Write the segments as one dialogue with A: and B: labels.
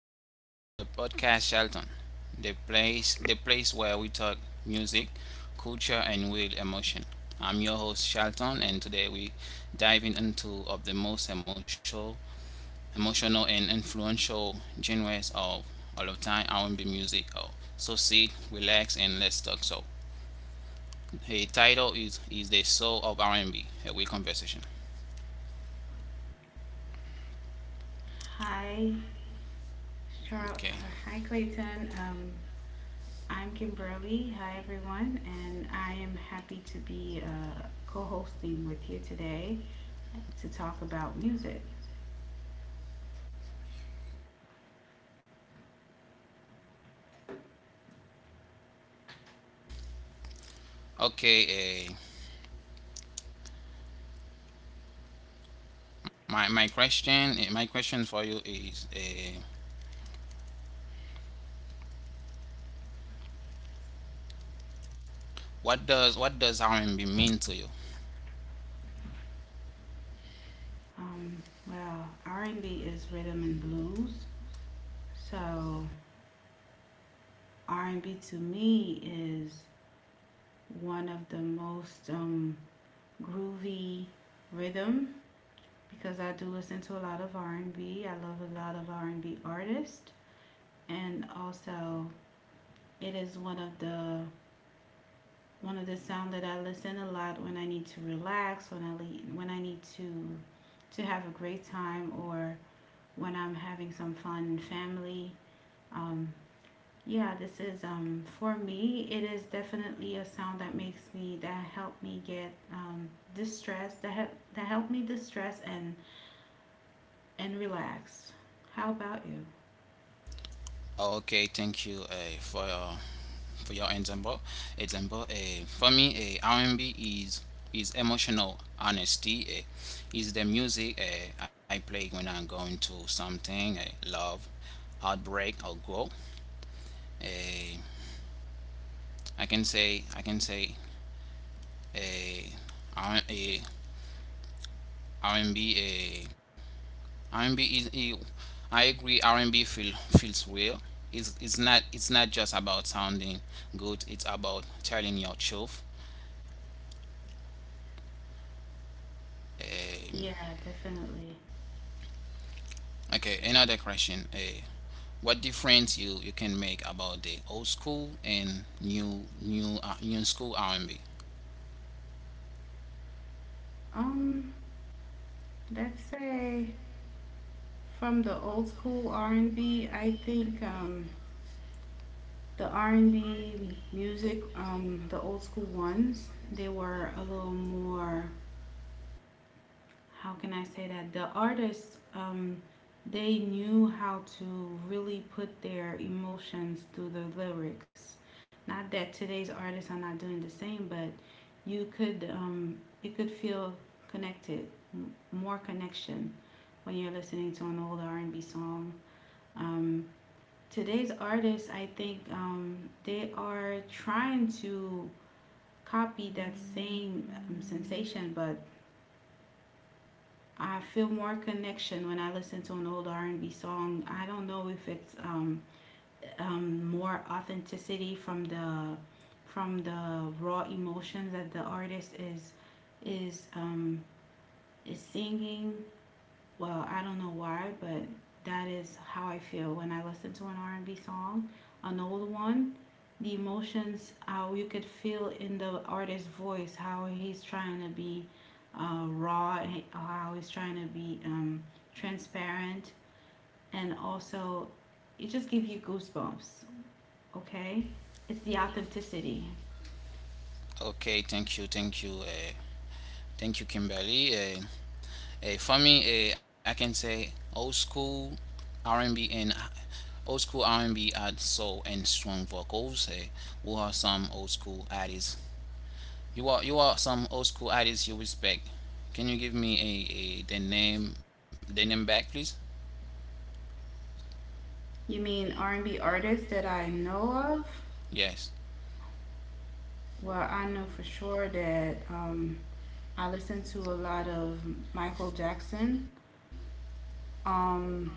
A: tune into the podcast Shelton, the place where we talk music, culture, and real emotion. I'm your host Shelton, and today we diving into of the most emotional and influential genres of all of time R&B music. Oh, so sit, relax, and let's talk. So, the title is the soul of R&B. A week conversation.
B: Hi, Charles.
A: Okay.
B: Hi, Clayton. I'm Kimberly. Hi, everyone, and I am happy to be co-hosting with you today to talk about music.
A: Okay. My question my question for you is what does R&B mean to you?
B: Um, well, R&B is rhythm and blues, so R&B to me is one of the most groovy rhythm because I do listen to a lot of r and B. I love a lot of R&B artists, and also it is one of the sound that I listen a lot when I need to relax, when when I need to have a great time, or when I'm having some fun in family. Um, yeah, this is for me. It is definitely a sound that makes me that help me get distressed, that help me distress and relax. How about you?
A: Oh, okay, thank you for your example. Example, for me, R&B is emotional honesty. Is the music I play when I'm going to something, love, heartbreak, or growth. Uh, I can say uh, R- and b eh, R&B is I agree R&B feels real. It's not just about sounding good. It's about telling your truth. Um,
B: Yeah, definitely.
A: okay, another question. What difference you can make about the old school and new school R&B?
B: Um, let's say, from the old school R and B, I think the R and B music, the old school ones, they were a little more. How can I say that? The artists, they knew how to really put their emotions through the lyrics. Not that today's artists are not doing the same, but you could feel connected, more connection when you're listening to an old R and B song. Um, Today's artists, I think, they are trying to copy that same sensation, but I feel more connection when I listen to an old R and B song. I don't know if it's more authenticity from the raw emotions that the artist is um, is singing. Well, I don't know why, but that is how I feel when I listen to an R&B song, an old one. The emotions, how you could feel in the artist's voice, how he's trying to be raw, how he's trying to be transparent, and also it just gives you goosebumps. Okay, it's the authenticity.
A: Okay, thank you, thank you, thank you, Kimberly. For me, I can say old school R&B and old school R&B had soul and strong vocals. Who are some old school artists? You are some old school artists you respect. Can you give me a the name back, please?
B: You mean R&B artists that I know of?
A: Yes.
B: Well, I know for sure that I listen to a lot of Michael Jackson. Um,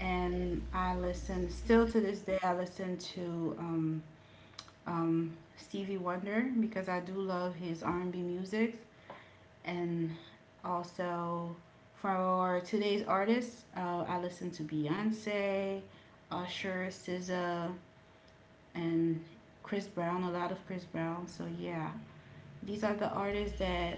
B: and I listen still to this day. I listen to Stevie Wonder because I do love his R&B music, and also for today's artists, I listen to Beyonce, Usher, SZA, and Chris Brown. A lot of Chris Brown. So yeah, these are the artists that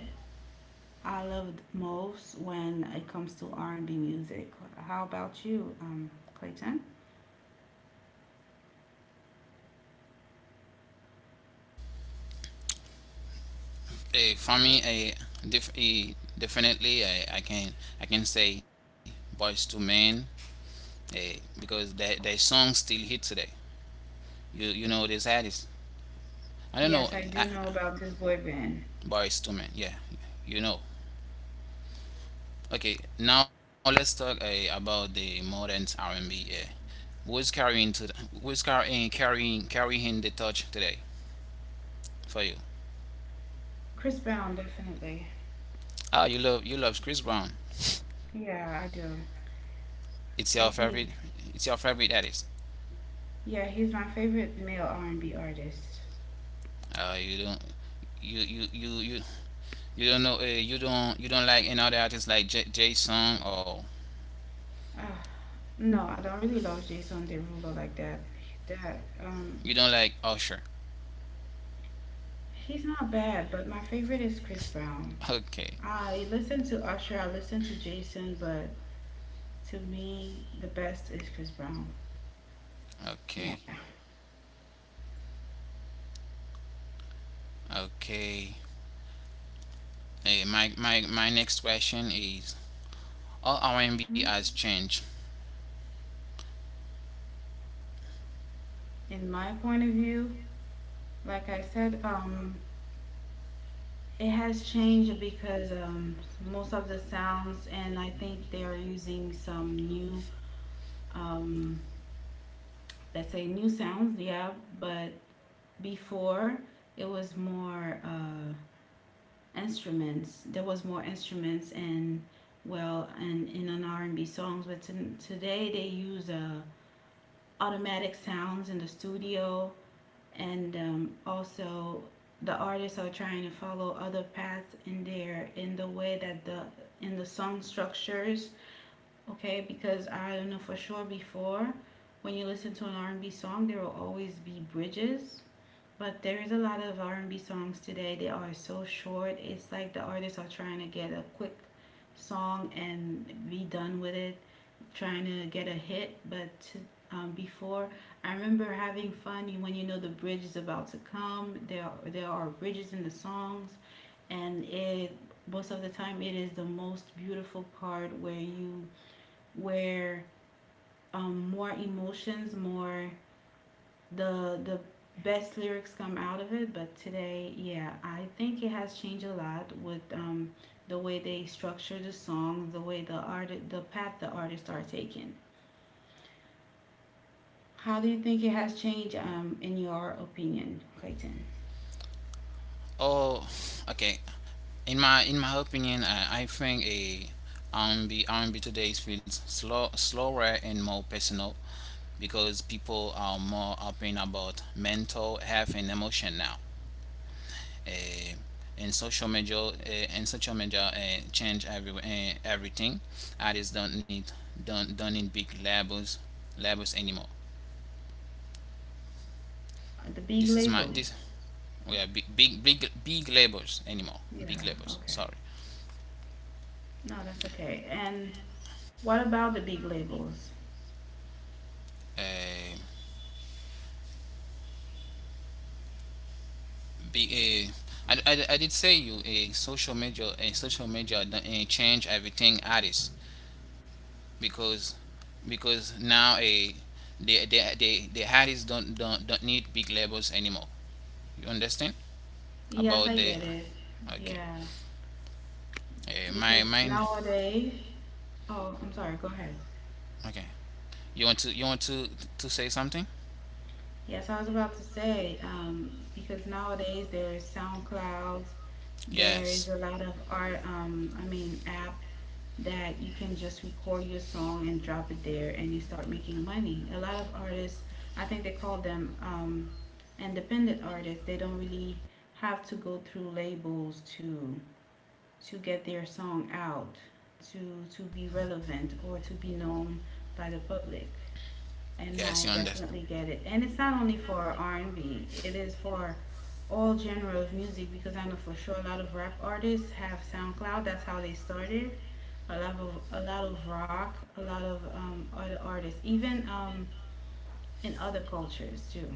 B: I love most when it comes to R&B music. How about you, Clayton?
A: Eh, for me, a, def, eh, Definitely I can say Boys to Men, eh, because their songs still hit today. You know this artist. I don't know.
B: Yes, I do know about this boy band.
A: Boys to Men. Yeah, you know. Okay, now let's talk about the modern R&B. Yeah. Who's carrying to the, who's carrying the torch today for you?
B: Chris Brown, definitely.
A: Oh, you love Chris Brown.
B: Yeah, I do.
A: It's your
B: I
A: favorite.
B: think,
A: It's your favorite artist.
B: yeah, he's my favorite male R&B artist.
A: You don't you you you you, you don't know, you don't like another artist like J Jay Song or
B: Uh, no, I don't really love Jason Derulo like that. That um,
A: you don't like Usher.
B: he's not bad, but my favorite is Chris Brown.
A: Okay,
B: I listen to Usher, I listen to Jason, but to me, the best is Chris Brown.
A: okay,
B: Yeah.
A: okay. Hey, my next question is: all R&B has changed.
B: In my point of view, like I said, it has changed because most of the sounds, and I think they are using some new, um, let's say, new sounds, yeah, but before it was more instruments. There was more instruments and, well, and in an R and B songs, but to, today they use automatic sounds in the studio, and also the artists are trying to follow other paths in there, in the way that the song structures. Okay, because I don't know for sure, before, when you listen to an R&B song, there will always be bridges, but there is a lot of R&B songs today. They are so short. It's like the artists are trying to get a quick song and be done with it, trying to get a hit. But to, before, I remember having fun when you know the bridge is about to come. There are bridges in the songs, and it, most of the time, it is the most beautiful part where you where more emotions, more the best lyrics come out of it. But today, yeah, I think it has changed a lot with the way they structure the song, the way the path the artists are taking. How do you think it has changed, in your opinion, Clayton?
A: Oh, okay. In my opinion, I think a R&B today feels slower and more personal because people are more open about mental health and emotion now. Eh, and social media uh, and social media, change everything. Artists don't need don't need big labels labels anymore.
B: The big
A: This is my this
B: labels.
A: we are big big big, big labels anymore.
B: Yeah.
A: Big labels.
B: Okay.
A: Sorry.
B: No, that's okay. And what about the big labels?
A: Eh, be I did say you a social media done, change everything artists because because now a the artists don't, don't need big labels anymore, you understand
B: Yes,
A: about
B: I
A: the,
B: get it.
A: okay,
B: Yeah,
A: my
B: because
A: mind,
B: nowadays. Oh, I'm sorry. Go ahead.
A: okay, you want to say something,
B: Yes, I was about to say, because nowadays there is SoundClouds, there is
A: yes.
B: a lot of art, I mean, app that you can just record your song and drop it there and you start making money. A lot of artists, I think they call them independent artists, they don't really have to go through labels to get their song out, to be relevant or to be known by the public, and
A: Yes, you
B: I
A: under.
B: definitely get it. And it's not only for R and B; it is for all genre of music because I know for sure a lot of rap artists have SoundCloud. That's how they started. A lot of rock, a lot of other artists, even in other cultures too.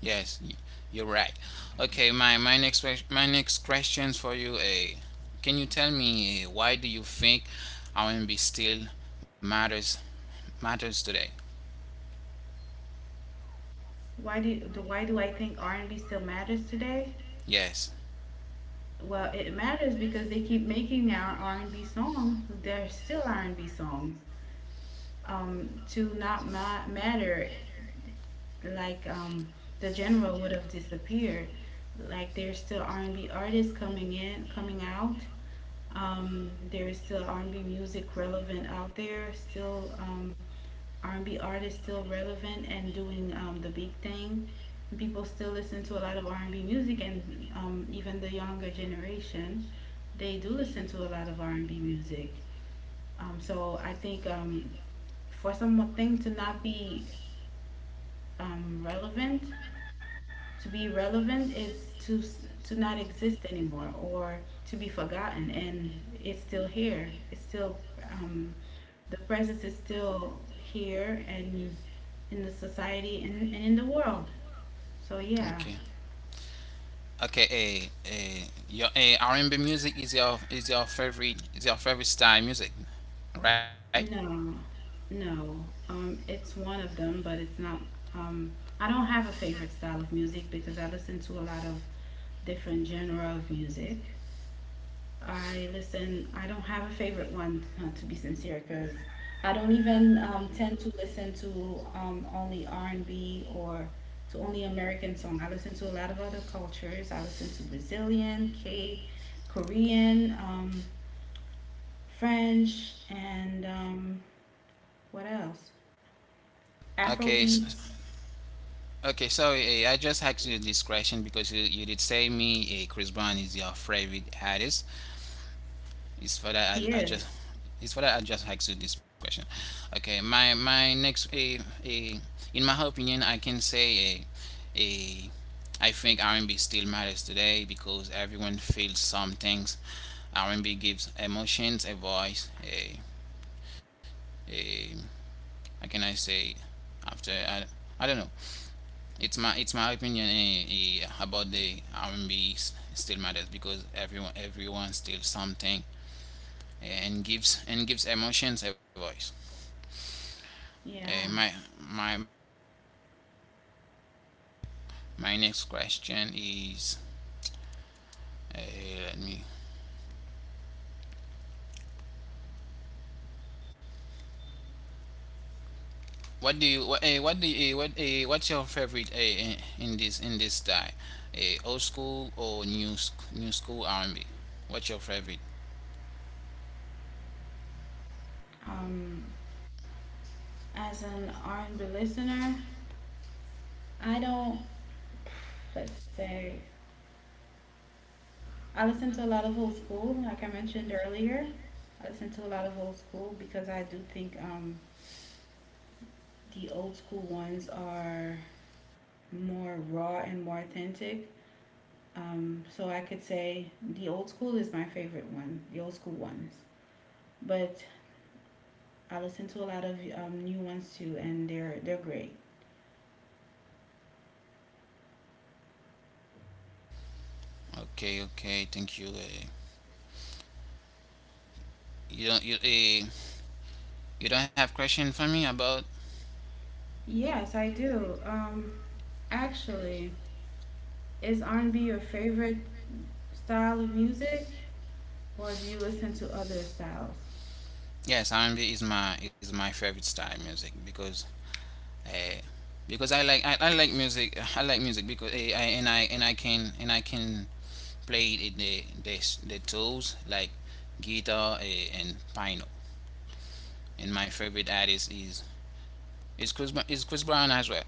A: Yes, you're right. Okay, my next questions for you. Can you tell me why do you think R&B still matters matters today?
B: Why do I think R and B still matters today?
A: Yes.
B: Well, it matters because they keep making our R and B songs. They're still R and B songs. To not ma- matter Like the general would have disappeared. Like, there's still R&B artists coming out, there's still R&B music relevant out there still, R&B artists still relevant and doing the big thing. People still listen to a lot of R&B music, and even the younger generation, they do listen to a lot of R&B music. So I think, for something to not be relevant, to be relevant is to not exist anymore or to be forgotten, and it's still here. It's still um, the presence is still here, and in the society, and in the world. So
A: Okay.
B: yeah,
A: Okay. Your, R&B music is your favorite style music, right?
B: no, no, it's one of them, but it's not. Um, I don't have a favorite style of music because I listen to a lot of different genre of music. I listen. I don't have a favorite one, to be sincere, because I don't even tend to listen to only R and B or to only American song. I listen to a lot of other cultures. I listen to Brazilian, Korean, French, and what else?
A: Okay,
B: Afro
A: s
B: beats.
A: okay. So I just asked you this question because you did say me Chris Brown is your favorite artist. It's for
B: He
A: that I
B: is.
A: just it's for that I just asked you this question. Okay, my next eh, eh, in my opinion, I can say, eh, I think R&B still matters today because everyone feels some things. R&B gives emotions, a voice, a how can I say after I don't know, it's my opinion about the R&B still matters because everyone everyone still something, and gives emotions a voice. Eh,
B: Yeah.
A: my my my next question is, let me, what do you what what do you, what what's your favorite in this style, old school or new school R&B, what's your favorite?
B: Um, as an R and B listener, I don't. Let's say I listen to a lot of old school, like I mentioned earlier. I listen to a lot of old school because I do think the old school ones are more raw and more authentic. So I could say the old school is my favorite one, the old school ones. But I listen to a lot of new ones too, and they're great.
A: Okay, okay, thank you You don't you you don't have question for me about.
B: Yes, I do. Actually, is R and B your favorite style of music, or do you listen to other styles?
A: Yes, R&B is my favorite style music uh, because I like I like music. I like music because I and I and I can play the tools like guitar and piano. And my favorite artist is is Chris Brown as well,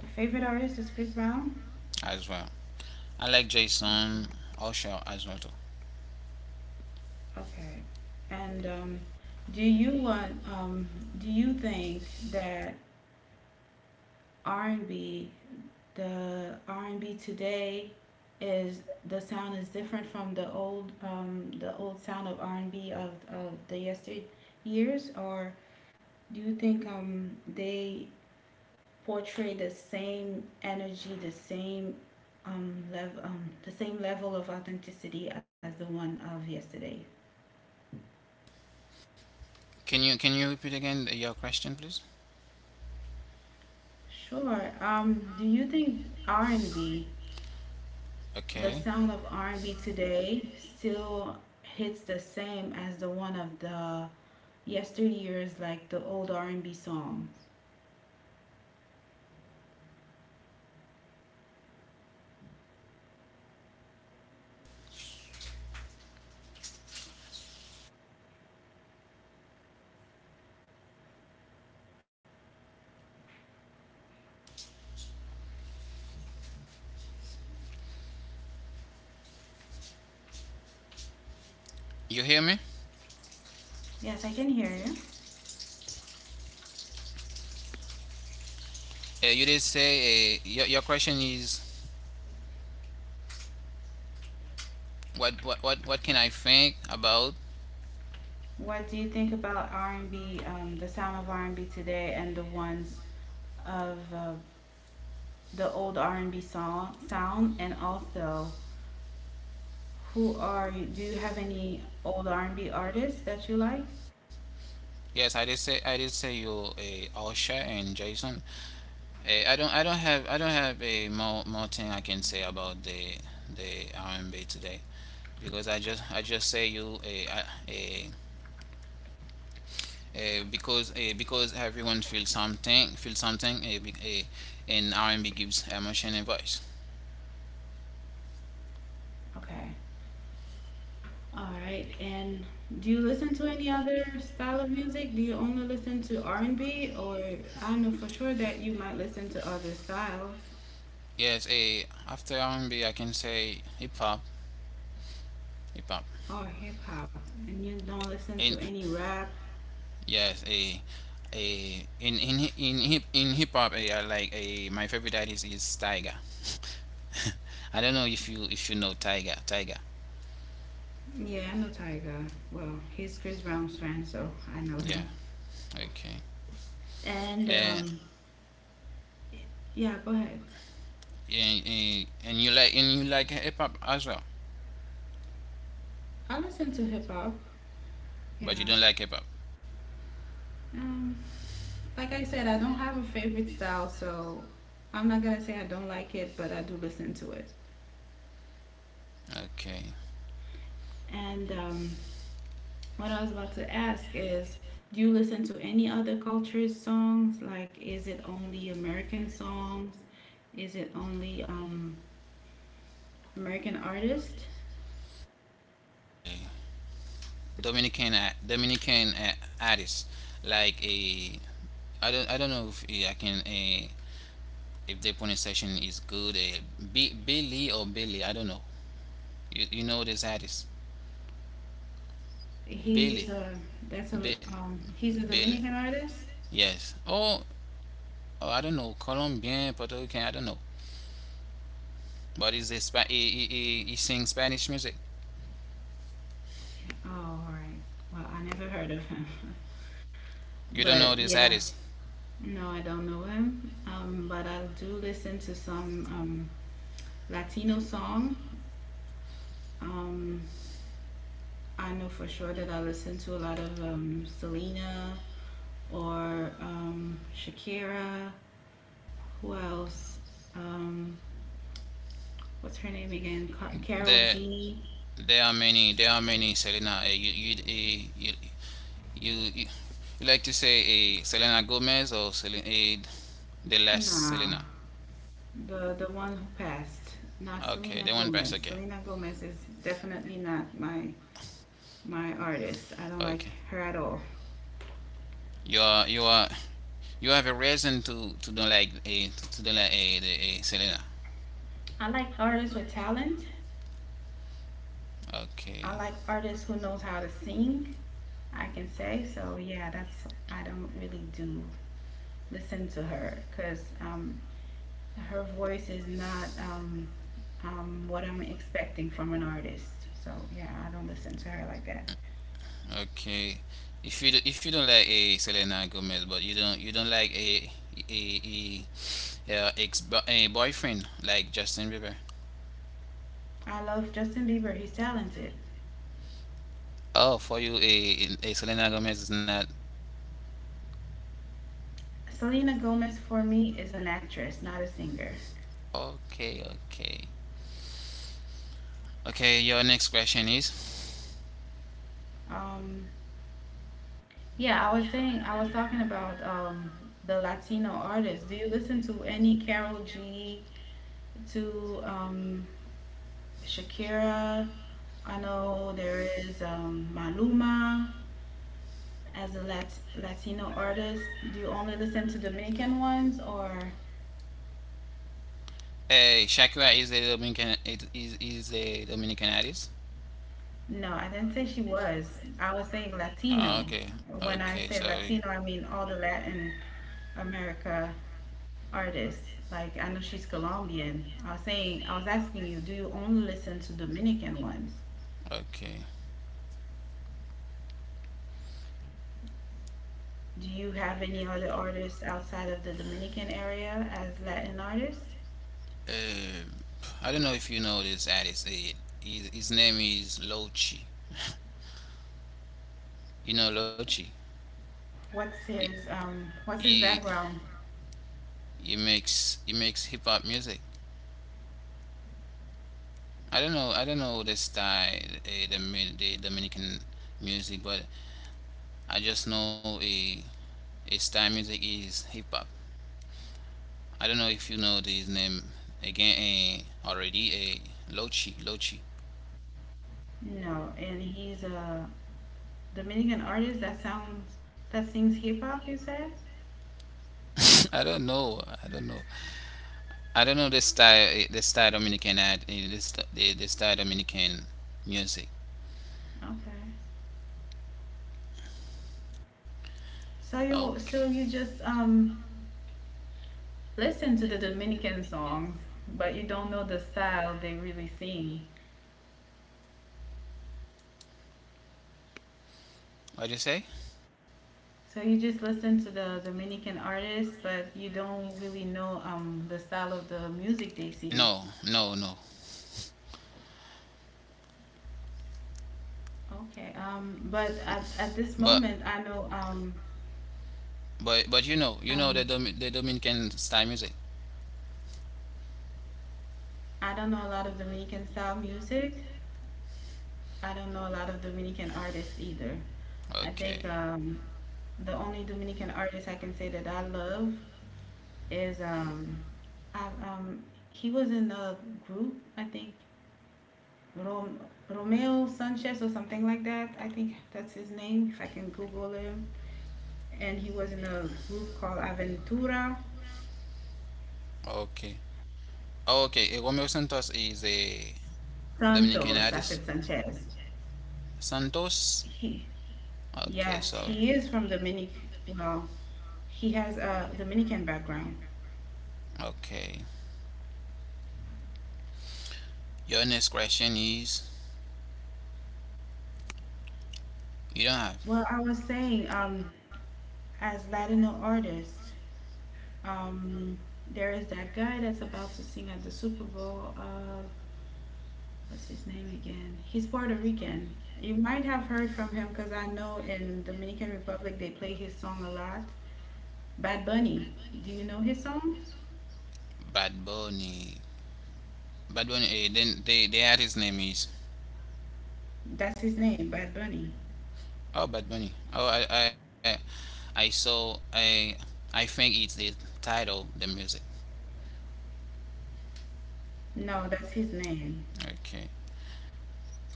B: Favorite artist is Chris Brown?
A: as well. I like
B: Okay.
A: Jason, Usher as well too.
B: Okay. And do you want do you think that R&B the R&B today is the sound is different from the old sound of R&B of the yesteryears, or do you think they portray the same energy, the same level the same level of authenticity as the one of yesterday?
A: Can you repeat again your question, please?
B: Sure. Do you think R&B, the
A: Okay,
B: sound of R&B today, still hits the same as the one of the yesteryears, like the old R&B songs?
A: you hear me?
B: Yes, I can hear you.
A: You did say your question is what can I think about.
B: What do you think about R&B, the sound of R&B today and the ones of the old R&B song sound? And also, do you have any old R&B artists that you like?
A: Yes, I did say you Osha and Jason. I don't have I don't have a more more thing I can say about the R&B today because I just say you a because everyone feels something and R&B gives emotion and voice.
B: Okay. All right. And do you listen to any other style of music? Do you only listen to R&B or I know for sure that you might listen to other styles
A: Yes, after R&B I can say hip hop.
B: or hip hop, and you don't listen to
A: In
B: any rap.
A: Yes, a in in hip hop, a I like a my favorite artist is Tiger. I don't know if you know Tiger. Tiger.
B: Yeah, I know Tyga. Well, he's Chris Brown's friend, so I know
A: Yeah.
B: him.
A: Okay.
B: And
A: Uh,
B: yeah, go ahead.
A: and you like and you like hip hop as well,
B: I listen to hip hop.
A: but
B: Yeah.
A: you don't like hip hop.
B: Um like I said, I don't have a favorite style, so I'm not going to say I don't like it, but I do listen to it.
A: Okay.
B: And what I was about to ask is, do you listen to any other cultures' songs? Like, is it only American songs? Is it only American artist?
A: Dominican artist like a I don't know if I can, if the pronunciation is good. Billy or Billy. I don't know. You know this artist,
B: He's
A: Billy,
B: a That's a
A: Bi-
B: he's a
A: Billy.
B: Dominican artist.
A: Yes. Oh, oh, I don't know, Colombian, Puerto Rican, I don't know. But he's he sings Spanish music.
B: Okay. Oh, all right. Well, I never heard of him,
A: You don't know
B: but
A: this
B: yeah,
A: artist.
B: no, I don't know him. But I do listen to some Latino song. Um, I know for sure that I listen to a lot of Selena, or Shakira. Who else? Um, what's her name again? Carol
A: There
B: G.
A: there are many Selena. You, you, eh, you you you like to say Selena Gomez or Selena, the last
B: Nah,
A: Selena?
B: the one who passed. Not
A: Okay,
B: Selena
A: the one past.
B: Gomez.
A: Okay,
B: Selena Gomez is definitely not my artist. I don't like
A: okay.
B: her at all.
A: You are you have a reason to don't like a to don't like a, the, a Selena.
B: I like artists with talent. I
A: Okay,
B: like artists who knows how to sing. I can say so. Yeah, that's I don't really do listen to her because her voice is not what I'm expecting from an artist. So yeah, I don't listen to her like that.
A: okay. If you do, if you don't like a Selena Gomez, but you don't like a a, a ex a boyfriend like Justin Bieber.
B: I love Justin Bieber. He's talented.
A: Oh, for you a Selena Gomez is not.
B: Selena Gomez for me is an actress, not a singer.
A: Okay, okay, okay. Your next question is:
B: Um, yeah, I was talking about the Latino artists. Do you listen to any Carol G? To Shakira? I know there is Maluma. As a Latino artist, do you only listen to Dominican ones or
A: hey, Shakira is a Dominican artist.
B: no? I didn't say she was. I was saying
A: Ah,
B: Latino.
A: okay,
B: When
A: okay,
B: I say
A: sorry.
B: Latino, I mean all the Latin America artists. Like I know she's Colombian. I was asking you, do you only listen to Dominican ones?
A: Okay.
B: Do you have any other artists outside of the Dominican area as Latin artists?
A: I don't know if you know this artist. His name is Lochi. You know Lochi? He,
B: What's his
A: he
B: background?
A: he makes hip hop music. I don't know the style the Dominican music, but I just know a style music is hip hop. I don't know if you know this name again already. Lochi, Lochi.
B: No, and he's a Dominican artist that sings hip hop. You said
A: I don't know. I don't know. I don't know the style. The style Dominican ad. The style Dominican music.
B: okay. So you
A: Okay.
B: so you just listen to the Dominican songs, but you don't know the style they really sing.
A: What'd you say?
B: So you just listen to the Dominican artists, but you don't really know the style of the music they sing.
A: No, no, no.
B: Okay. But at this
A: But
B: moment,
A: but you know
B: um
A: the Dominican style music.
B: I don't know a lot of Dominican style music. I don't know a lot of Dominican artists either. I think
A: Okay.
B: The only Dominican artist I can say that I love is I, um, he was in a group I think Rom- Romeo Sanchez or something like that. I think that's his name if I can Google him. And he was in a group called Aventura
A: Okay. Oh, okay. Romeo Santos is a
B: Santos.
A: Dominican
B: I said
A: artist.
B: Sanchez.
A: Santos.
B: He
A: Okay.
B: Yes,
A: So.
B: he is from Dominic. Well, he has a Dominican background.
A: Okay. Your next question is, you don't have.
B: Well, I was saying as Latino artists. Um, there is that guy that's about to sing at the Super Bowl. What's his name again? He's Puerto Rican. You might have heard from him because I know in Dominican Republic they play his song a lot. Bad Bunny. Do you know his songs?
A: Bad Bunny. Bad Bunny. Then the artist name is,
B: That's his name, Bad Bunny.
A: oh, Bad Bunny. Oh I saw, I I think it's the title the music.
B: No, that's his name.
A: Okay.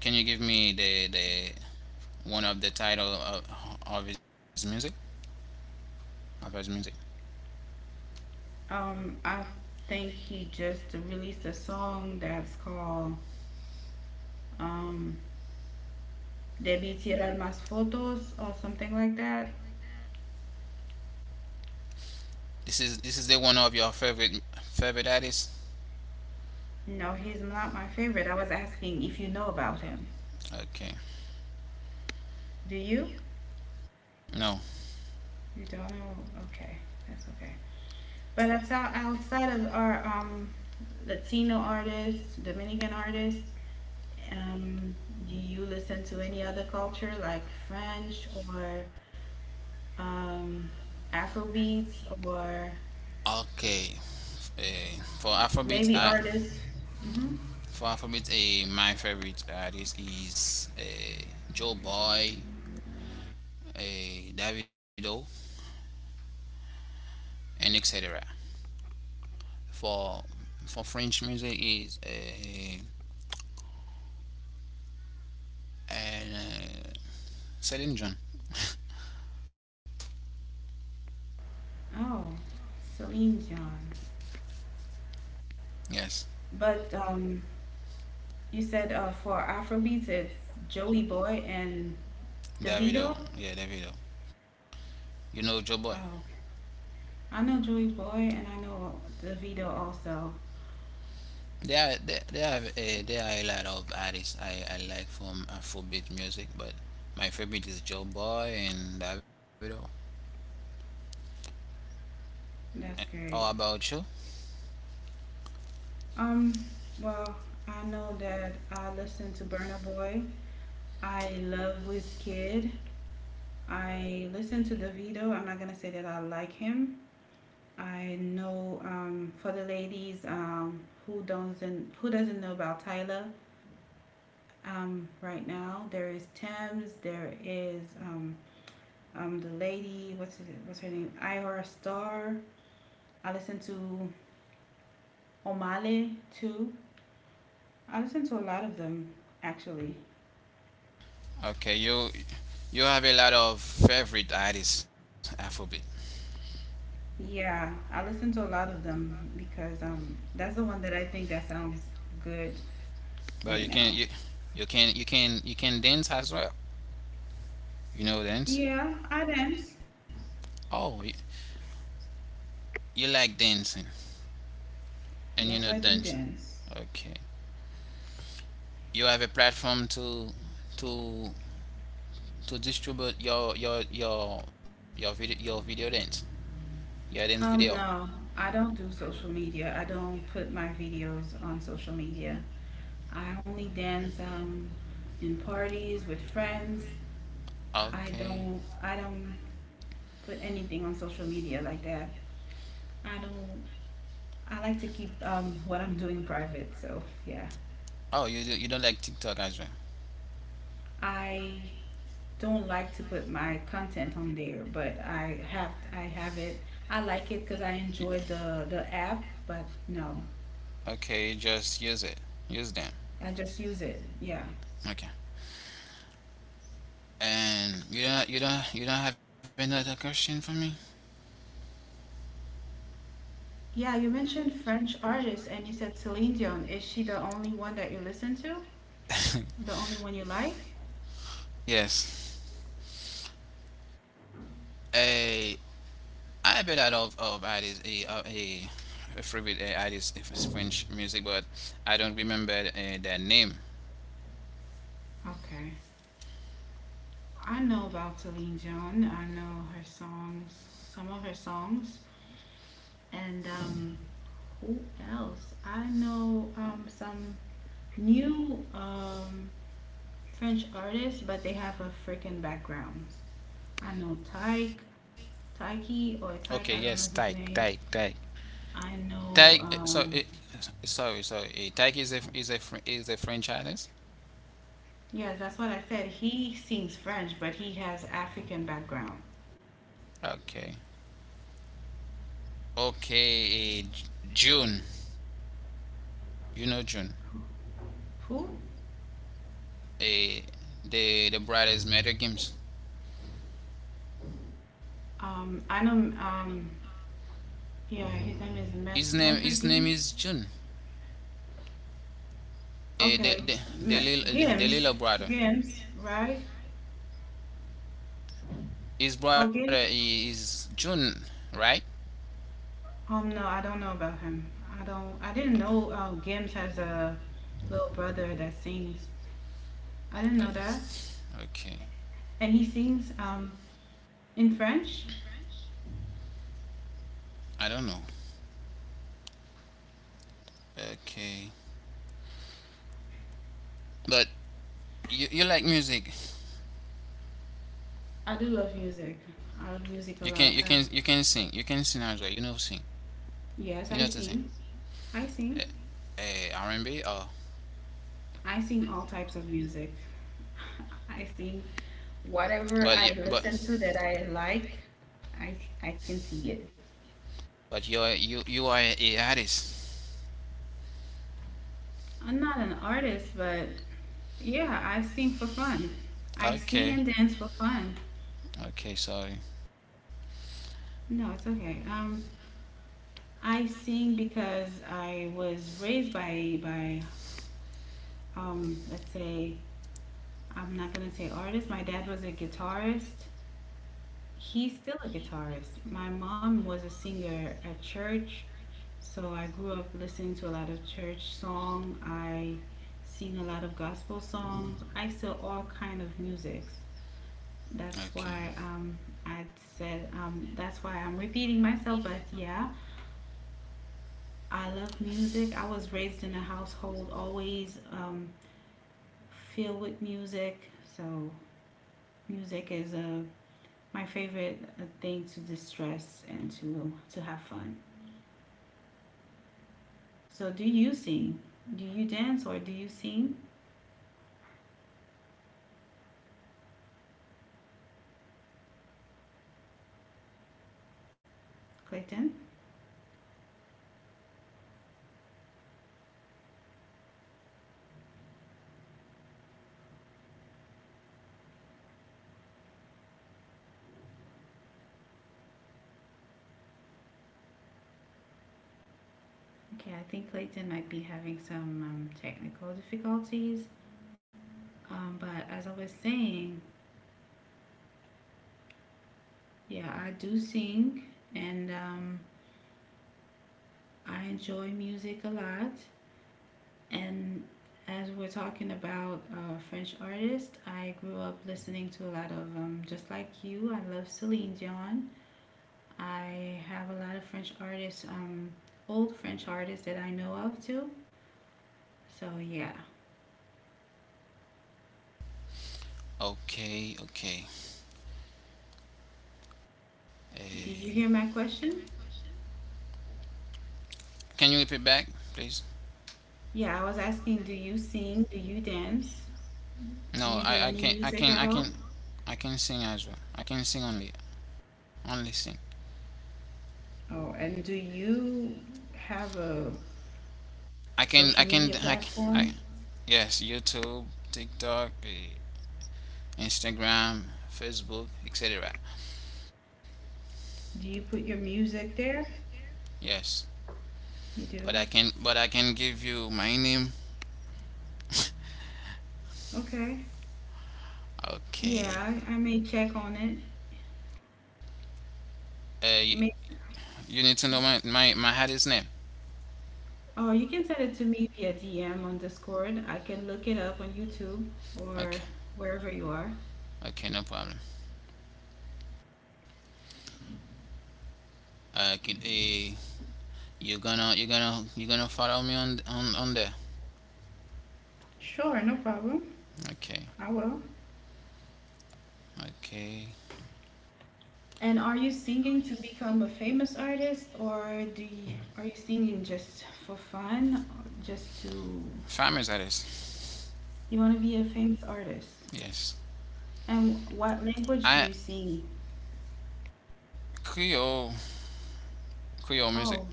A: Can you give me the one of the title of his music of his music?
B: I think he just released a song that's called um, Debí tirar más fotos or something like that.
A: This is this is the one of your favorite favorite artists.
B: No, he's not my favorite. I was asking if you know about him.
A: Okay,
B: Do you?
A: no.
B: You don't know? Okay, that's okay. But that's outside of our Latino artists, Dominican artists. Um, do you listen to any other culture like French or um, Afrobeats or
A: Okay. Eh, for alphabet
B: maybe
A: uh,
B: artists? Hmm.
A: for alphabet, my favorite artist is Joe Boy, uh, Davido, and etc. for for French music is, uh, Celine John.
B: Oh, Celine Dion.
A: Yes.
B: But you said for Afrobeats, it's Joey Boy and
A: Davido,
B: DeVito?
A: yeah, Davido. You know Joe Boy?
B: Oh, I know Joey Boy and I know DeVito also.
A: There are a lot of artists I like from Afrobeat music, but my favorite is Joe Boy and Davido. Eh,
B: That's great.
A: How about you?
B: Um, well, I know that I listen to Burna Boy. I love Wizkid. I listen to DeVito. I'm not gonna say that I like him. I know for the ladies who doesn't know about Tyler right now. There is Thames. There is the lady. What's it? What's her name? Iora Star. I listen to Omale too. I listen to a lot of them actually.
A: Okay, you have a lot of favorite artists Afrobeat,
B: Yeah, I listen to a lot of them because that's the one that I think that sounds good
A: but you
B: right
A: can
B: now.
A: you can you can dance as well. You know dance?
B: Yeah, I dance.
A: Oh, you like dancing and you
B: Yes,
A: know
B: I do
A: dance.
B: dance.
A: Okay, you have a platform to to distribute your video dance, your dance video.
B: No, I don't do social media. I don't put my videos on social media. I only dance in parties with friends. I
A: Okay.
B: don't I don't put anything on social media like that. I don't I like to keep what I'm doing private. So, yeah.
A: Oh, you do, you don't like TikTok as well.
B: I don't like to put my content on there, but I have it. I like it because
A: You-
B: I enjoy the app, but no,
A: okay, you just use it. Use them.
B: I just use it. Yeah.
A: Okay. And you don't you don't have another question for me?
B: Yeah, you mentioned French artists and you said Celine Dion. Is she the only one that you listen to? The only one you like?
A: Yes. A I bet out of artists a favorite artist is French music, but I don't remember their name.
B: Okay. I know about Celine Dion. I know her songs, some of her songs, and who else? I know some new French artists, but they have a freaking backgrounds. I know Tyke, Tyke or
A: Okay.
B: Tyke, I
A: Yes.
B: don't know his
A: Tyke. Tyke.
B: name.
A: Tyke.
B: I know
A: Take so it so so it take is a is a French artist.
B: Yes, that's what I said. He sings French, but he has African background.
A: Okay. Okay. June. You know June.
B: Who?
A: Eh, the brother's murder games.
B: I know Yeah, his name is
A: His name
B: Metro
A: his name
B: Gims.
A: is June. Eh, the
B: Okay.
A: the
B: Me-
A: the little the, the
B: Gims.
A: little brother.
B: Gims, right?
A: His
B: Oh,
A: brother
B: Gims.
A: is June, right?
B: No, I don't know about him. I don't. I didn't know Gims has a little brother that sings. I didn't know that,
A: Uh, okay.
B: and he sings in French.
A: I don't know. Okay. But you like music.
B: I do love music. I love music a
A: You
B: lot.
A: can you can you can sing. You can sing as well. You know sing.
B: Yes, I
A: You know what I'm
B: sing.
A: saying?
B: I sing.
A: R&B. Oh,
B: I sing all types of music. I sing whatever
A: but
B: I
A: yeah,
B: listen to that I like. I I can see it.
A: but you are a artist.
B: I'm not an artist, but yeah, I sing for fun. I sing
A: Okay.
B: and dance for fun.
A: Okay. Sorry.
B: No, it's okay. I sing because I was raised by let's say I'm not gonna say artist. My dad was a guitarist. He's still a guitarist. My mom was a singer at church, so I grew up listening to a lot of church song. I sing a lot of gospel songs. I still all kind of musics. That's
A: Okay.
B: why I said that's why I'm repeating myself. But yeah, I love music. I was raised in a household always filled with music, so music is a my favorite thing to distress and to have fun. So, do you sing? Do you dance or do you sing, Clayton? Okay, I think Clayton might be having some technical difficulties. But as I was saying, yeah, I do sing and I enjoy music a lot. And as we're talking about French artists, I grew up listening to just like you, I love Celine Dion. I have a lot of French artists, old French artists that I know of too. So, yeah.
A: Okay. Okay. Eh,
B: Did you hear my question?
A: can you repeat back, please?
B: Yeah, I was asking, do you sing? Do you dance? Do you
A: No,
B: do any
A: I can I
B: music at
A: can I
B: all?
A: can I can sing as well. I can sing only sing.
B: Oh, and do you have a
A: I
B: social
A: can, I
B: media
A: can, I, can,
B: platform?
A: I yes, YouTube, TikTok, Instagram, Facebook, etc.
B: Do you put your music there?
A: Yes,
B: You
A: but
B: do?
A: I can, but I can give you my name.
B: Okay. Yeah,
A: okay.
B: I may check on it.
A: Uh, you,
B: You may,
A: you need to know my hardest name.
B: oh, you can send it to me via DM on Discord. I can look it up on YouTube or
A: Okay.
B: wherever you are.
A: Okay, no problem. Uh, could, uh you gonna follow me on there.
B: Sure, no problem. I
A: Okay.
B: will.
A: Okay.
B: And are you singing to become a famous artist, or are you singing just for fun, or just to
A: Farmers artist.
B: you want to be a famous artist?
A: Yes.
B: And what language do you
A: I
B: sing?
A: Creole music.
B: Oh,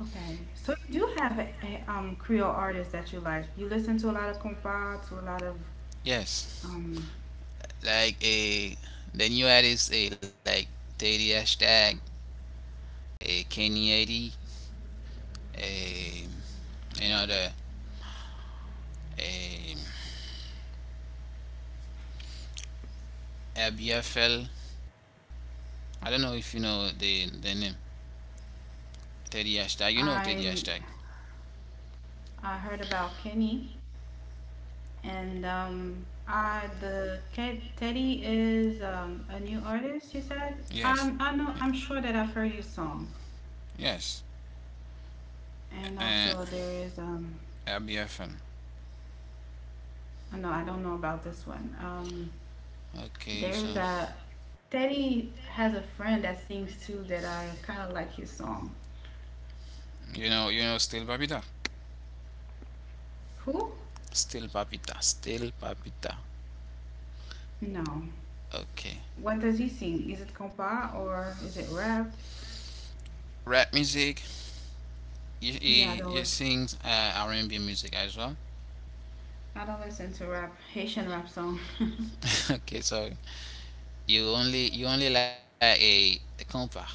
B: okay. So you do have a Creole artist that you like. You listen to a lot of compas, to a lot of
A: Yes.
B: Um,
A: Like a the new artist, a like Daddy Hashtag, a Kenny 80, a you know the a ABFL. I don't know if you know the name. Teddy Hashtag. You know
B: I
A: Teddy Hashtag.
B: I heard about Kenny, and Teddy is a new artist. You said
A: Yes. Yeah.
B: I'm sure that I've heard his song,
A: Yes.
B: and also there
A: Uh,
B: is,
A: ABFL.
B: oh, no, I don't know about this one. There's
A: Okay, so
B: a Teddy has a friend that sings too that I kind of like his song.
A: you know Still Papita.
B: Who?
A: Still Papita.
B: No. What
A: Okay.
B: does he sing? Is it compa or is it rap?
A: Rap music.
B: Yeah, there was.
A: You sing R&B music as well.
B: I don't listen to rap, Haitian rap song.
A: okay, so you only like a compa.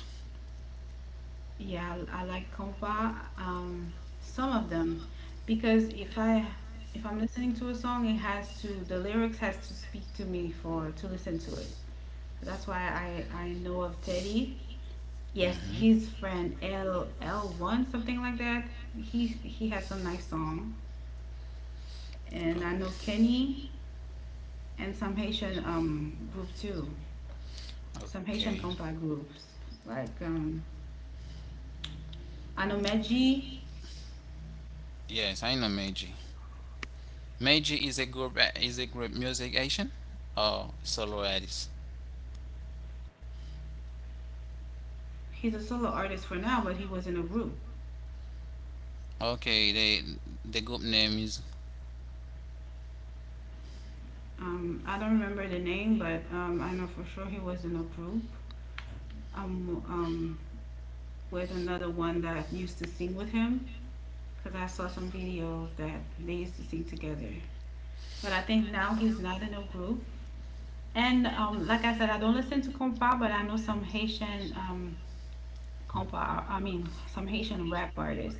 B: Yeah, I like compa. Some of them, because if I'm listening to a song, it has to the lyrics has to speak to me for to listen to it. So that's why I know of Teddy. Yes, his
A: Hmm.
B: friend L L one something like that. He has some nice song,
A: Okay.
B: and I know Kenny and some Haitian group too. Some
A: Okay.
B: Haitian compa groups like um I know Meji.
A: Yes, I know Meiji. Meiji is a group music Asian or solo artist.
B: He's a solo artist for now, but he was in a group.
A: Okay, the group name is
B: I don't remember the name, but I know for sure he was in a group um, um, with another one that used to sing with him because I saw some videos that they used to sing together. But I think now he's not in a group. And like I said, I don't listen to compa, but I know some Haitian compa. I mean, some Haitian rap artists.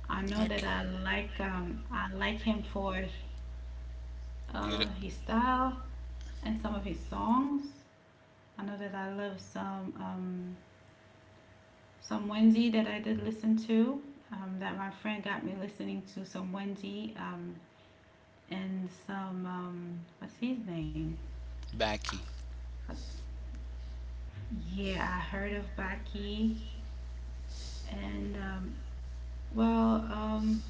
B: I know that
A: okay.
B: I like him for
A: You d-
B: his style and some of his songs. I know that I love some Wendy that I did listen to. That my friend got me listening to some Wendy and some what's his name?
A: Baki.
B: Yeah, I heard of Baki and well,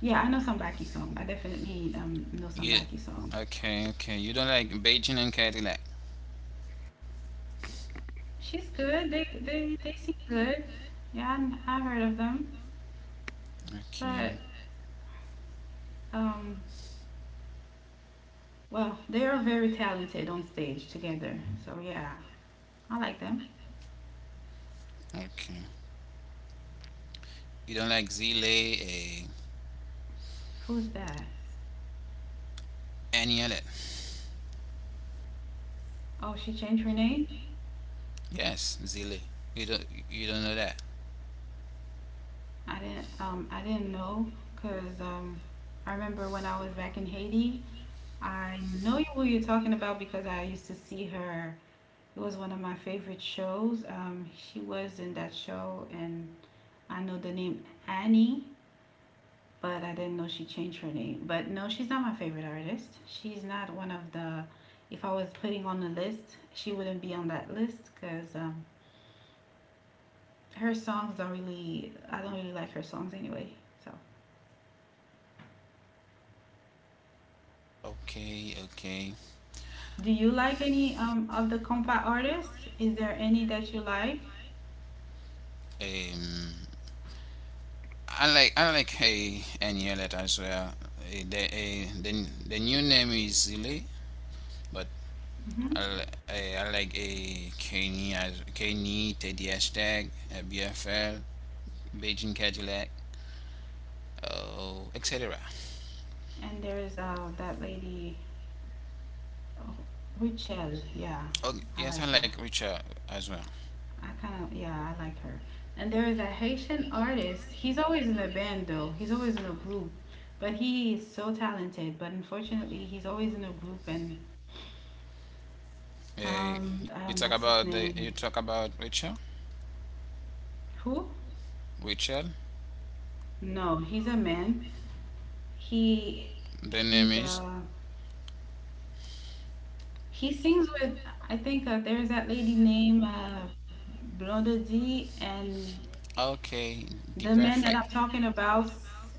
B: yeah, I know some Baki song. I definitely know some
A: You
B: Baki song.
A: okay? Okay. You don't like Beijing and Cadillac.
B: She's good. They seem good. Yeah, I heard of them,
A: Okay.
B: but um, well, they are very talented on stage together. So yeah, I like them.
A: Okay. You don't like Zile,
B: Who's that?
A: any of that.
B: Oh, she changed her name?
A: Yes, Zile. You don't know that.
B: I didn't know cuz I remember when I was back in Haiti, I know who you're talking about because I used to see her. It was one of my favorite shows. She was in that show and I know the name Annie, but I didn't know she changed her name. But no, she's not my favorite artist. She's not one of the. If I was putting on the list, she wouldn't be on that list because her songs don't really. I don't really like her songs anyway. So,
A: Okay. Okay.
B: do you like any of the compa artists? Is there any that you like?
A: Um. I like hey any of that as well. The, new name is Zile, but
B: Hmm.
A: I like a Kenny as Kenny Teddy Hashtag BFL Beijing Cadillac, oh etc.
B: And there's that lady, oh, Richelle. Yeah,
A: Oh,
B: I like
A: yes, I
B: her.
A: like Richard as well.
B: I kind of, yeah, I like her. And there is a Haitian artist. He's always in a band though. He's always in a group, but he is so talented. But unfortunately, he's always in a group. And
A: You
B: what's
A: talk
B: his
A: about
B: name?
A: the you talk about Richard.
B: Who?
A: Richard,
B: No, he's a man. He,
A: the
B: he's
A: name is
B: a he sings with. I think there's that lady named Blonde D and
A: okay. The
B: the man that
A: perfect.
B: I'm talking about,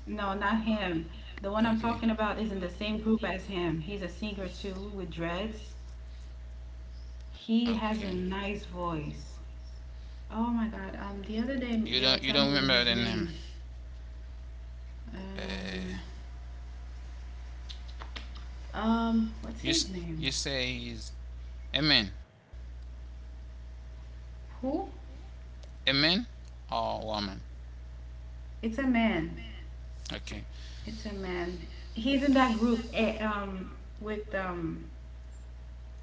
B: no, not him. The one I'm
A: Okay.
B: talking about is in the same group as him. He's a singer too with dreads. He
A: Okay.
B: has a nice voice. Oh my God. The other day they
A: You
B: were
A: don't
B: telling me
A: remember the
B: his
A: name.
B: name. Um,
A: Uh,
B: what's
A: you
B: his
A: s-
B: name?
A: you say is a man,
B: Who?
A: a man or woman.
B: It's a man.
A: Okay.
B: It's a man. He's in that group. With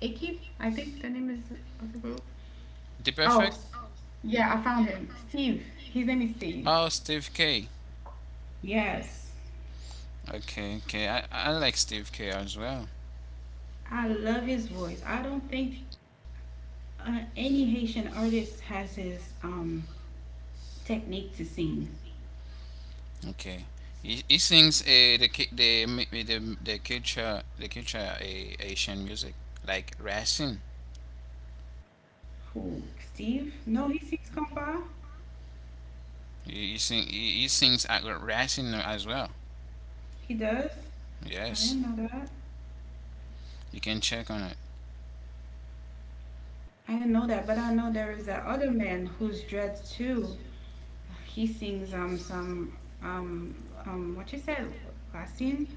B: Ekip. I think the name is of the group.
A: The perfect.
B: Oh, s- yeah, I found him. Steve. His name is Steve.
A: Oh, Steve K.
B: Yes,
A: Okay, okay. I like Steve K as well.
B: I love his voice. I don't think any Haitian artist has his technique to sing.
A: Okay. He sings the cu- the mi- mi- the culture Asian music like Racing.
B: Who? Steve? No, he sings compas.
A: He sings at Racing as well.
B: He does. I
A: Yes,
B: didn't know that.
A: you can check on it.
B: I didn't know that, but I know there is that other man who's dreads too. He sings some um what you said Racine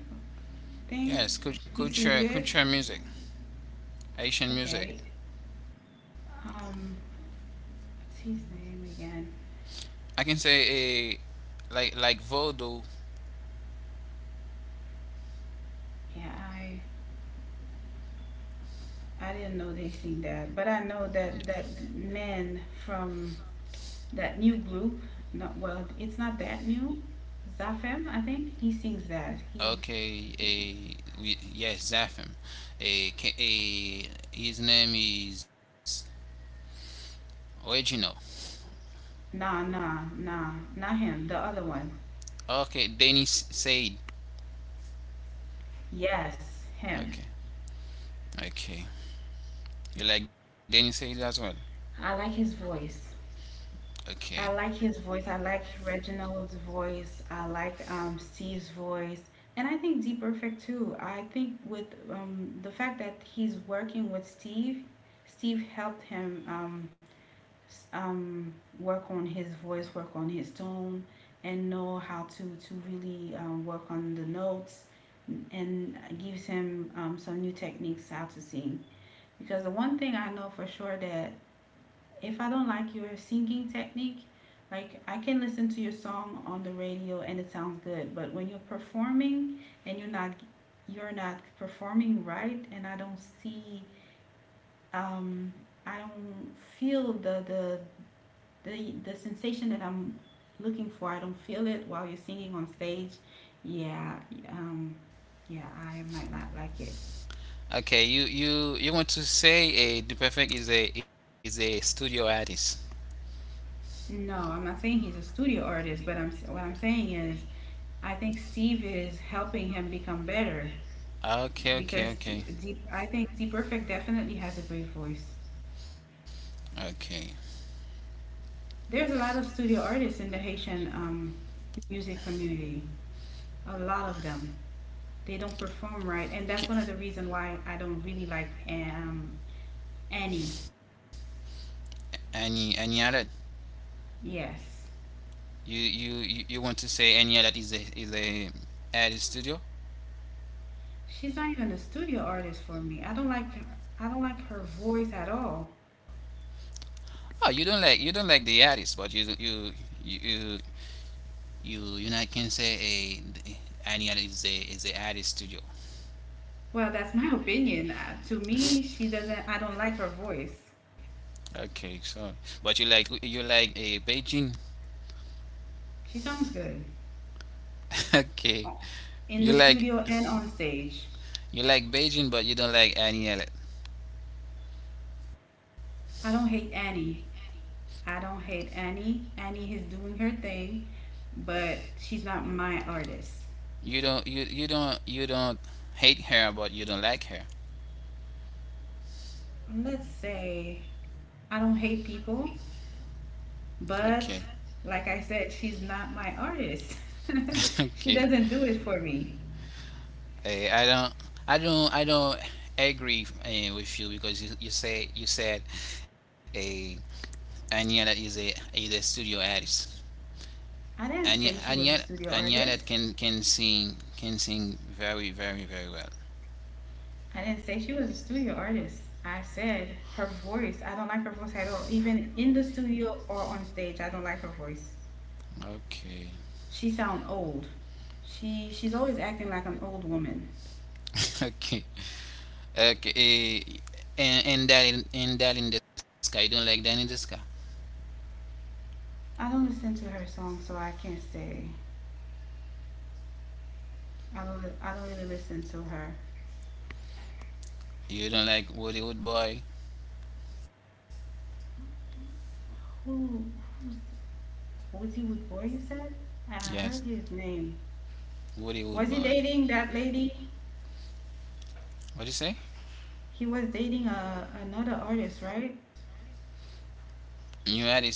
B: thing.
A: Yes,
B: He sings
A: culture
B: it.
A: music, Asian
B: Okay.
A: music.
B: Um, what's his name again?
A: I can say a like Voodoo.
B: Yeah, I didn't know they sing that, but I know that that man from that new group, not well, it's not that new, Zafem, I think he sings that. He,
A: Yes, Zafim. A His name is Original.
B: nah, nah, nah, not him, the other one.
A: Okay, Dennis said.
B: Yes, him.
A: Okay, okay. You like Dennis said as well.
B: I like his voice. I
A: Okay,
B: like his voice. I like Reginald's voice. I like Steve's voice. And I think D Perfect too. I think with the fact that he's working with Steve, Steve helped him um, work on his voice, work on his tone, and know how to really work on the notes, and gives him some new techniques how to sing. Because the one thing I know for sure that if I don't like your singing technique, like I can listen to your song on the radio and it sounds good, but when you're performing and you're not performing right, and I don't see um, I don't feel the the sensation that I'm looking for, I don't feel it while you're singing on stage. Yeah, um, yeah, I might not like it.
A: okay. You you want to say a the perfect is a studio artist.
B: No, I'm not saying he's a studio artist, but I'm what I'm saying is I think Steve is helping him become better
A: Okay, okay,
B: because
A: okay,
B: Deep, I think T Perfect definitely has a great voice.
A: okay.
B: There's a lot of studio artists in the Haitian music community. A lot of them. They don't perform right, and that's
A: Ki-
B: one of the reason why I don't really like Annie.
A: Any other?
B: Yes.
A: You you want to say any other is a artist studio?
B: She's not even a studio artist for me. I don't like her. I don't like her voice at all.
A: Oh, you don't like the artist, but you you know I can say a any other is a artist studio.
B: Well, that's my opinion. To me, she doesn't. I don't like her voice.
A: Okay, so but you like a Beijing.
B: She sounds good
A: okay,
B: o- in
A: you
B: the
A: like
B: studio and on stage.
A: you like Beijing, but you don't like any other.
B: I don't hate Annie. I don't hate Annie. Annie is doing her thing, but she's not my artist.
A: You don't hate her, but you don't like her.
B: Let's say I don't hate people,
A: Okay,
B: but like I said, she's not my artist. She
A: okay.
B: doesn't do it for me.
A: Eh, I don't, I don't agree with you because you say you said a Anya that is a studio artist.
B: I didn't
A: and yet,
B: say she
A: and
B: was a
A: yet,
B: studio
A: and yet, it
B: artist.
A: can can sing very, very, very well.
B: I didn't say she was a studio artist. I said her voice. I don't like her voice at all. Even in the studio or on stage, I don't like her voice.
A: Okay,
B: She sound old. She's always acting like an old woman.
A: okay, okay. And, that in the sky, you don't like that in the sky.
B: I don't listen to her songs, so I can't say. I don't really listen to her.
A: You don't like Hollywood boy.
B: Who who's was he with boy? You said I heard
A: Yes,
B: his name. Was
A: Hollywood
B: he
A: boy.
B: dating that lady?
A: What you say?
B: He was dating another artist, right?
A: New artist.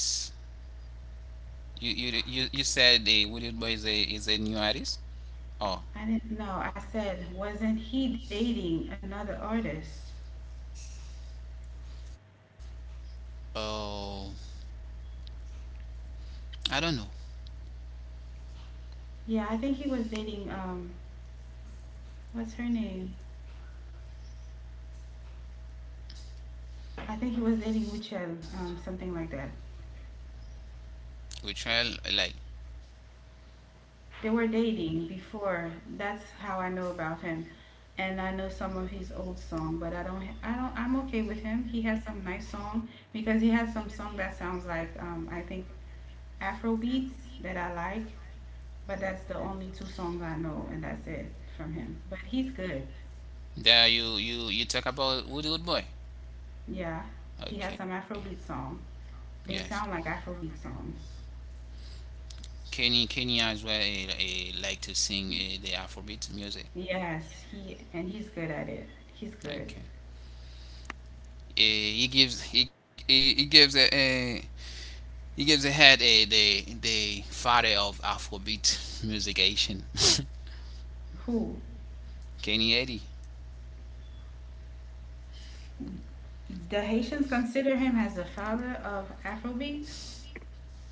A: You said a Hollywood boy is a new artist. Oh
B: I didn't know. I said, wasn't he dating another artist?
A: oh, I don't know.
B: Yeah, I think he was dating, what's her name? I think he was dating Uchel, something like that.
A: We try like
B: They were dating before. That's how I know about him. And I know some of his old song, but I don't, I'm okay with him. He has some nice song because he has some song that sounds like, I think Afro beats that I like, but that's the only two songs I know and that's it from him. But he's good.
A: there. You you talk about Hollywood boy.
B: Yeah, he has some
A: Okay.
B: Afrobeat song.
A: Yes.
B: They sound like Afrobeat songs.
A: Kenny as well like to sing the Afrobeat music.
B: Yes, he and he's good at it. He's good.
A: Okay. He gives a eh, he gives a head the father of Afrobeat musician.
B: Who?
A: Kenny Eddie.
B: The Haitians consider him as the father of Afrobeat?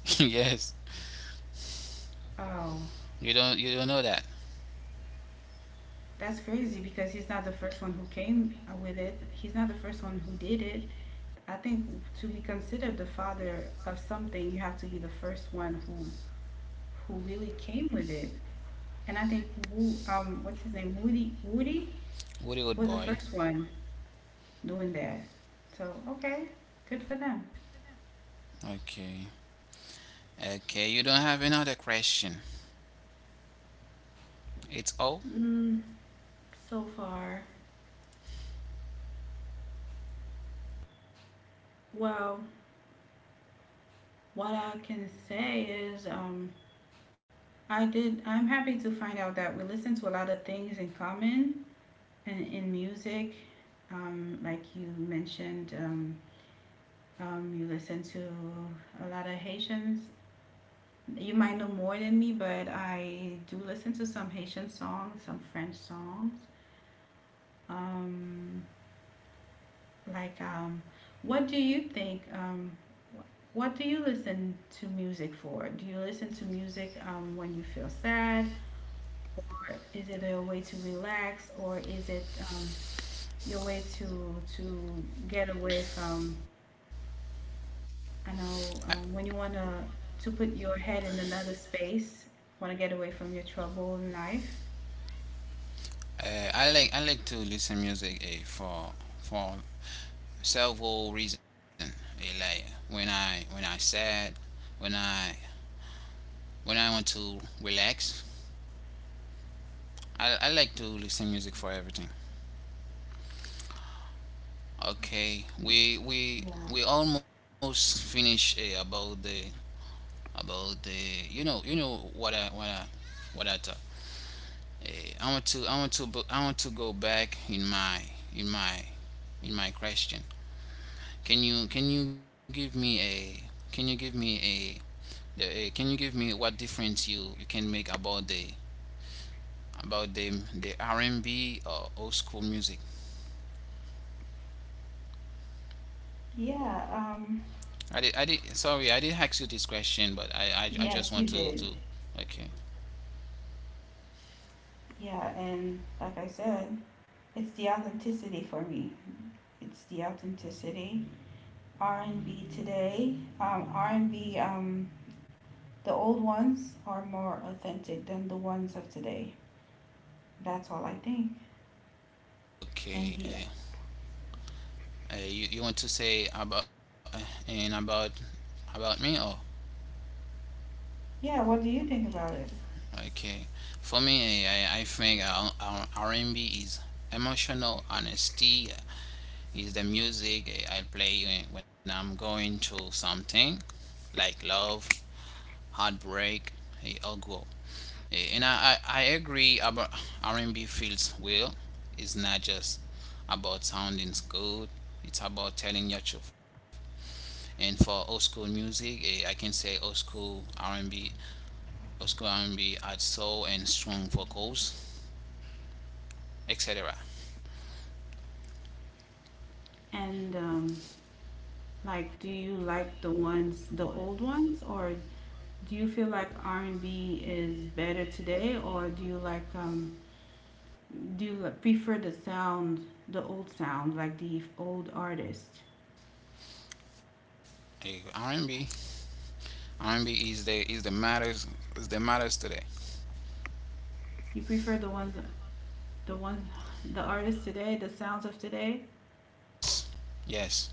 A: yes.
B: Oh,
A: You don't know that.
B: that's crazy because he's not the first one who came with it. He's not the first one who did it. I think to be considered the father of something, you have to be the first one who really came with it. And I think Wu, what's his name, Woody
A: What a good
B: was the
A: boy.
B: first one doing that. So, okay, good for them.
A: Okay. Okay, you don't have another question. It's all.
B: Mm. So far, well, what I can say is I did. I'm happy to find out that we listen to a lot of things in common and in music. Like you mentioned, you listen to a lot of Haitians. You might know more than me, but I do listen to some Haitian songs, some French songs. Um, Like, what do you think? What do you listen to music for? Do you listen to music when you feel sad, or is it a way to relax, or is it your way to get away from? I know when you wanna to put your head in another space, wanna get away from your trouble in life.
A: I like to listen music for several reasons. Like when I sad, when I when I want to relax, I like to listen music for everything. Okay,
B: Y- Yeah.
A: we almost finish about the you know what I thought. Uh, I want to bu- I want to go back in my in my in my question. Can you give me can you give me what difference you can make about the R&B or old school music?
B: Yeah.
A: I did sorry I did not ask you this question, but I
B: Yes,
A: just
B: you
A: want
B: did.
A: to okay
B: Yeah, and like I said. It's the authenticity for me. It's the authenticity. R and B today, R and B. The old ones are more authentic than the ones of today. That's all I think. And the
A: okay uh, you you want to say about and about about me or
B: yeah, what do you think about it?
A: okay. For me I think R&B is emotional honesty, is the music I play when I'm going through something like love, heartbreak, or go. And I agree about R&B feels well. It's not just about sounding good. It's about telling your truth. And for old school music, I can say old school R&B, old school R&B had soul and strong vocals, etc.
B: And like, do you like the ones, the old ones, or do you feel like R and B is better today, or do you like, prefer the sound, the old sound, like the old artists?
A: Eh, R&B, R&B is the is the matters today.
B: You prefer the ones. The one, the artist today, the sounds of today.
A: Yes. Yes.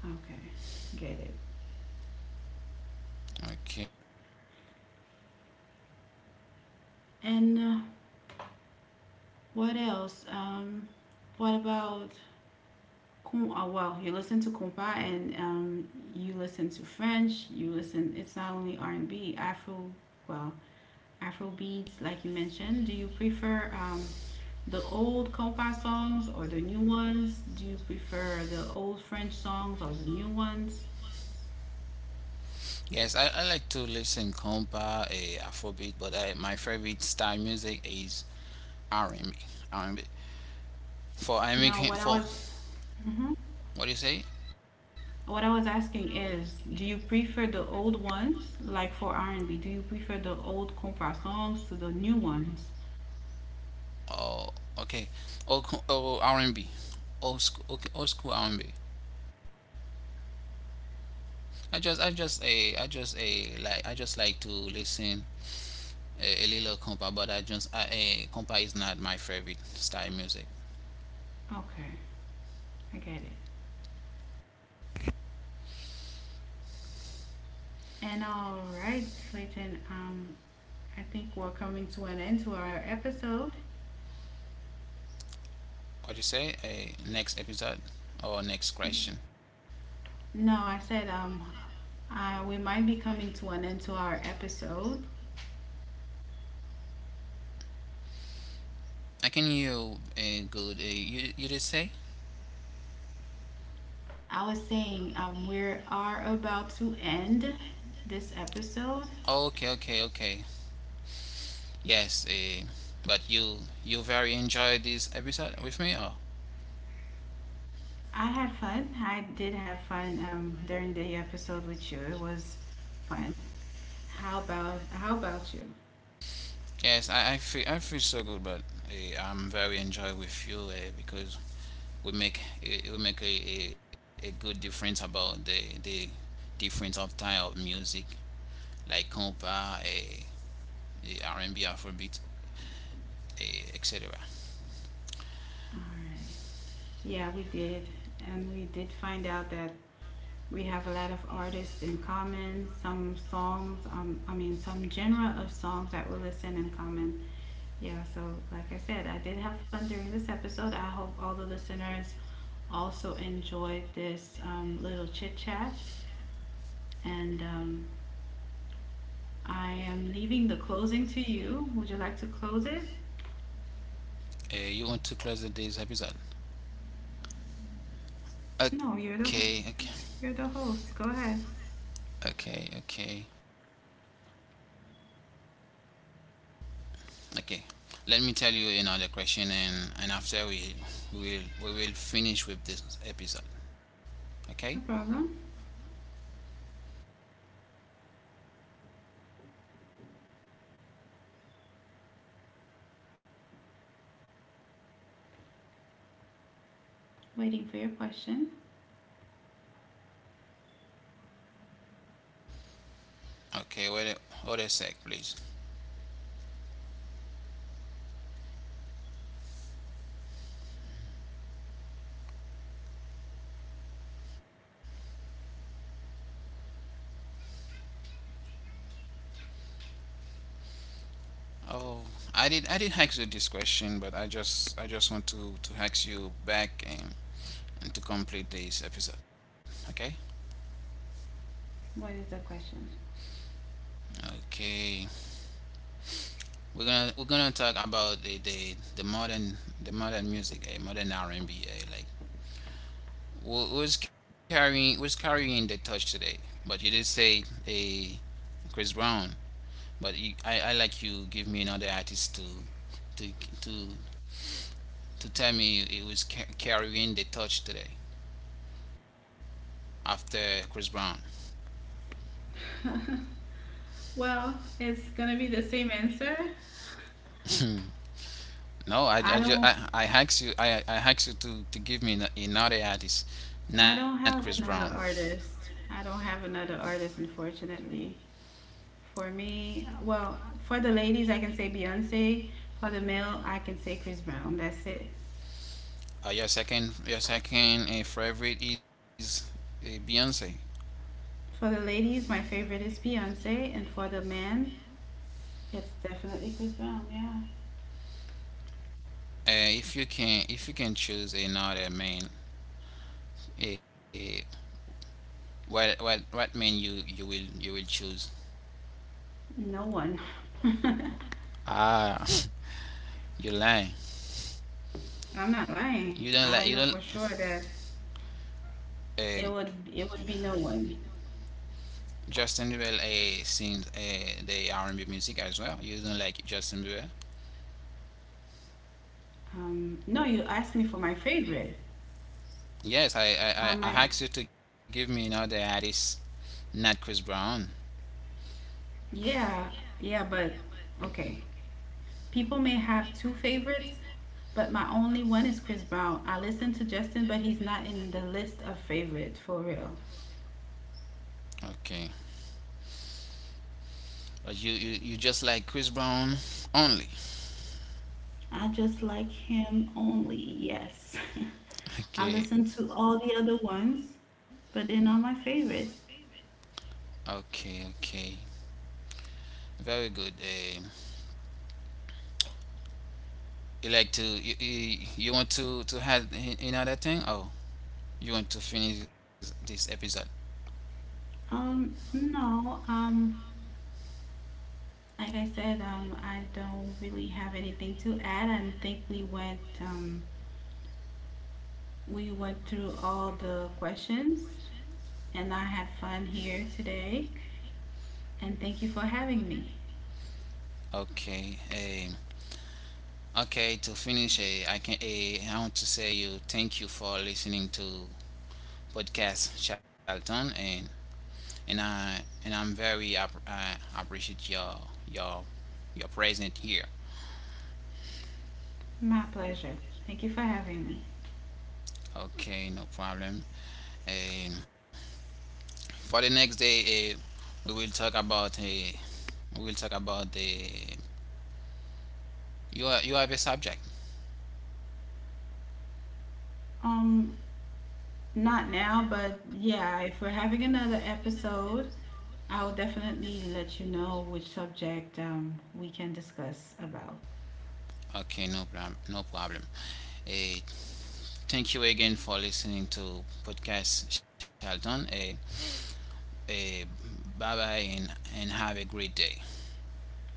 B: Okay, get it.
A: Okay.
B: And what else? What about? Well, you listen to compa and you listen to French. You listen. It's not only R and B, Afro. Well, Afro beats, like you mentioned. Do you prefer the old compa songs or the new ones? Do you prefer the old French songs or the new ones?
A: Yes, I like to listen compa, Afrobeat, but my favorite style music is r and B. R and b For
B: No,
A: American,
B: what I
A: for
B: was. Mhm.
A: what do you say?
B: What I was asking is, do you prefer the old ones, like for R&B? Do you prefer the old compa songs to the new ones?
A: Oh, okay. R&B. Old school, okay, old school r and B. I just, eh, like, I just like to listen a little compa, but I just, I, eh, compa is not my favorite style music.
B: Okay, I get it. And all right, Clayton, I think we're coming to an end to our episode.
A: What do you say? Next episode or next question?
B: No, I said we might be coming to an end to our episode.
A: I can hear you good. You you did say?
B: I was saying we are about to end this episode.
A: Okay, okay. Yes. But you very enjoyed this episode with me? Or
B: I had fun. I did have fun during the episode with you. It was fun. How about you?
A: yes. I feel so good, but I'm very enjoy with you because we make a good difference about the difference of type of music like compa, uh, R&B, Afrobeat, etc.
B: All right. Yeah, we did, and we did find out that we have a lot of artists in common. Some songs, I mean, some genre of songs that we listen in common. Yeah. So, like I said, I did have fun during this episode. I hope all the listeners also enjoyed this little chit chat, and I am leaving the closing to you. Would you like to close it?
A: You want to close the day's episode?
B: No,
A: Okay, okay.
B: you're the host. Go ahead.
A: Okay, okay. Let me tell you another question, and after will we will finish with this episode. Okay,
B: No problem. Waiting for your question.
A: okay. Wait, hold a sec, please. Oh, I did ask you this question, but I just want to ask you back and to complete this episode. Okay,
B: What is the question?
A: okay. We're gonna talk about the modern music, a modern R and B, like Who's carrying the touch today? But you did say a Chris Brown. But you, I like you give me another artist to to to tell me it was carrying the touch today after Chris Brown.
B: Well, it's gonna be the same answer.
A: no,
B: I don't
A: I asked you to give me another artist, not
B: I
A: Chris
B: don't have
A: Brown.
B: another artist. I don't have another artist unfortunately. For me, well, for the ladies I can say Beyonce. For the male I can say Chris Brown. That's it.
A: Your second favorite is Beyonce.
B: For the ladies, my favorite is Beyonce and for the men, it's definitely Chris Brown, yeah.
A: If you can choose another man. Uh, what man you will choose?
B: No one.
A: Ah, you lie.
B: I'm not lying.
A: You
B: I
A: don't
B: know
A: like you
B: for
A: don't.
B: sure that
A: Uh,
B: it would be no one.
A: Justin Bieber sings the R&B music as well. You don't like Justin Bieber?
B: No, you asked me for my favorite.
A: Yes, I
B: I
A: asked you to give me another artist, not Chris Brown.
B: Yeah, yeah, but okay. People may have two favorites, but my only one is Chris Brown. I listen to Justin, but he's not in the list of favorite for real.
A: Okay, but you you just like Chris Brown only.
B: I just like him only. Yes, I listen
A: Okay.
B: to all the other ones, but they're not my favorite.
A: Okay, okay. Very good. Eh. You like to you want to add another thing? Oh, you want to finish this episode?
B: No. Like I said, I don't really have anything to add. I think we went through all the questions, and I had fun here today. And thank you for having me.
A: Okay. Okay. To finish, I can. I want to say you thank you for listening to podcast Charlton, and I and I'm very I appreciate your your presence here.
B: My pleasure. Thank you for having me.
A: Okay, no problem. And for the next day, we will talk about the you are, you have a subject.
B: Um, Not now, but yeah, if we're having another episode, I will definitely let you know which subject we can discuss about.
A: Okay, no problem. No problem. Eh, Thank you again for listening to podcast Shelton. Eh, Bye bye and have a great day.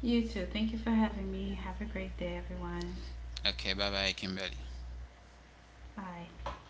B: You too. Thank you for having me. Have a great day, everyone.
A: Okay, bye bye, Kimberly.
B: Bye.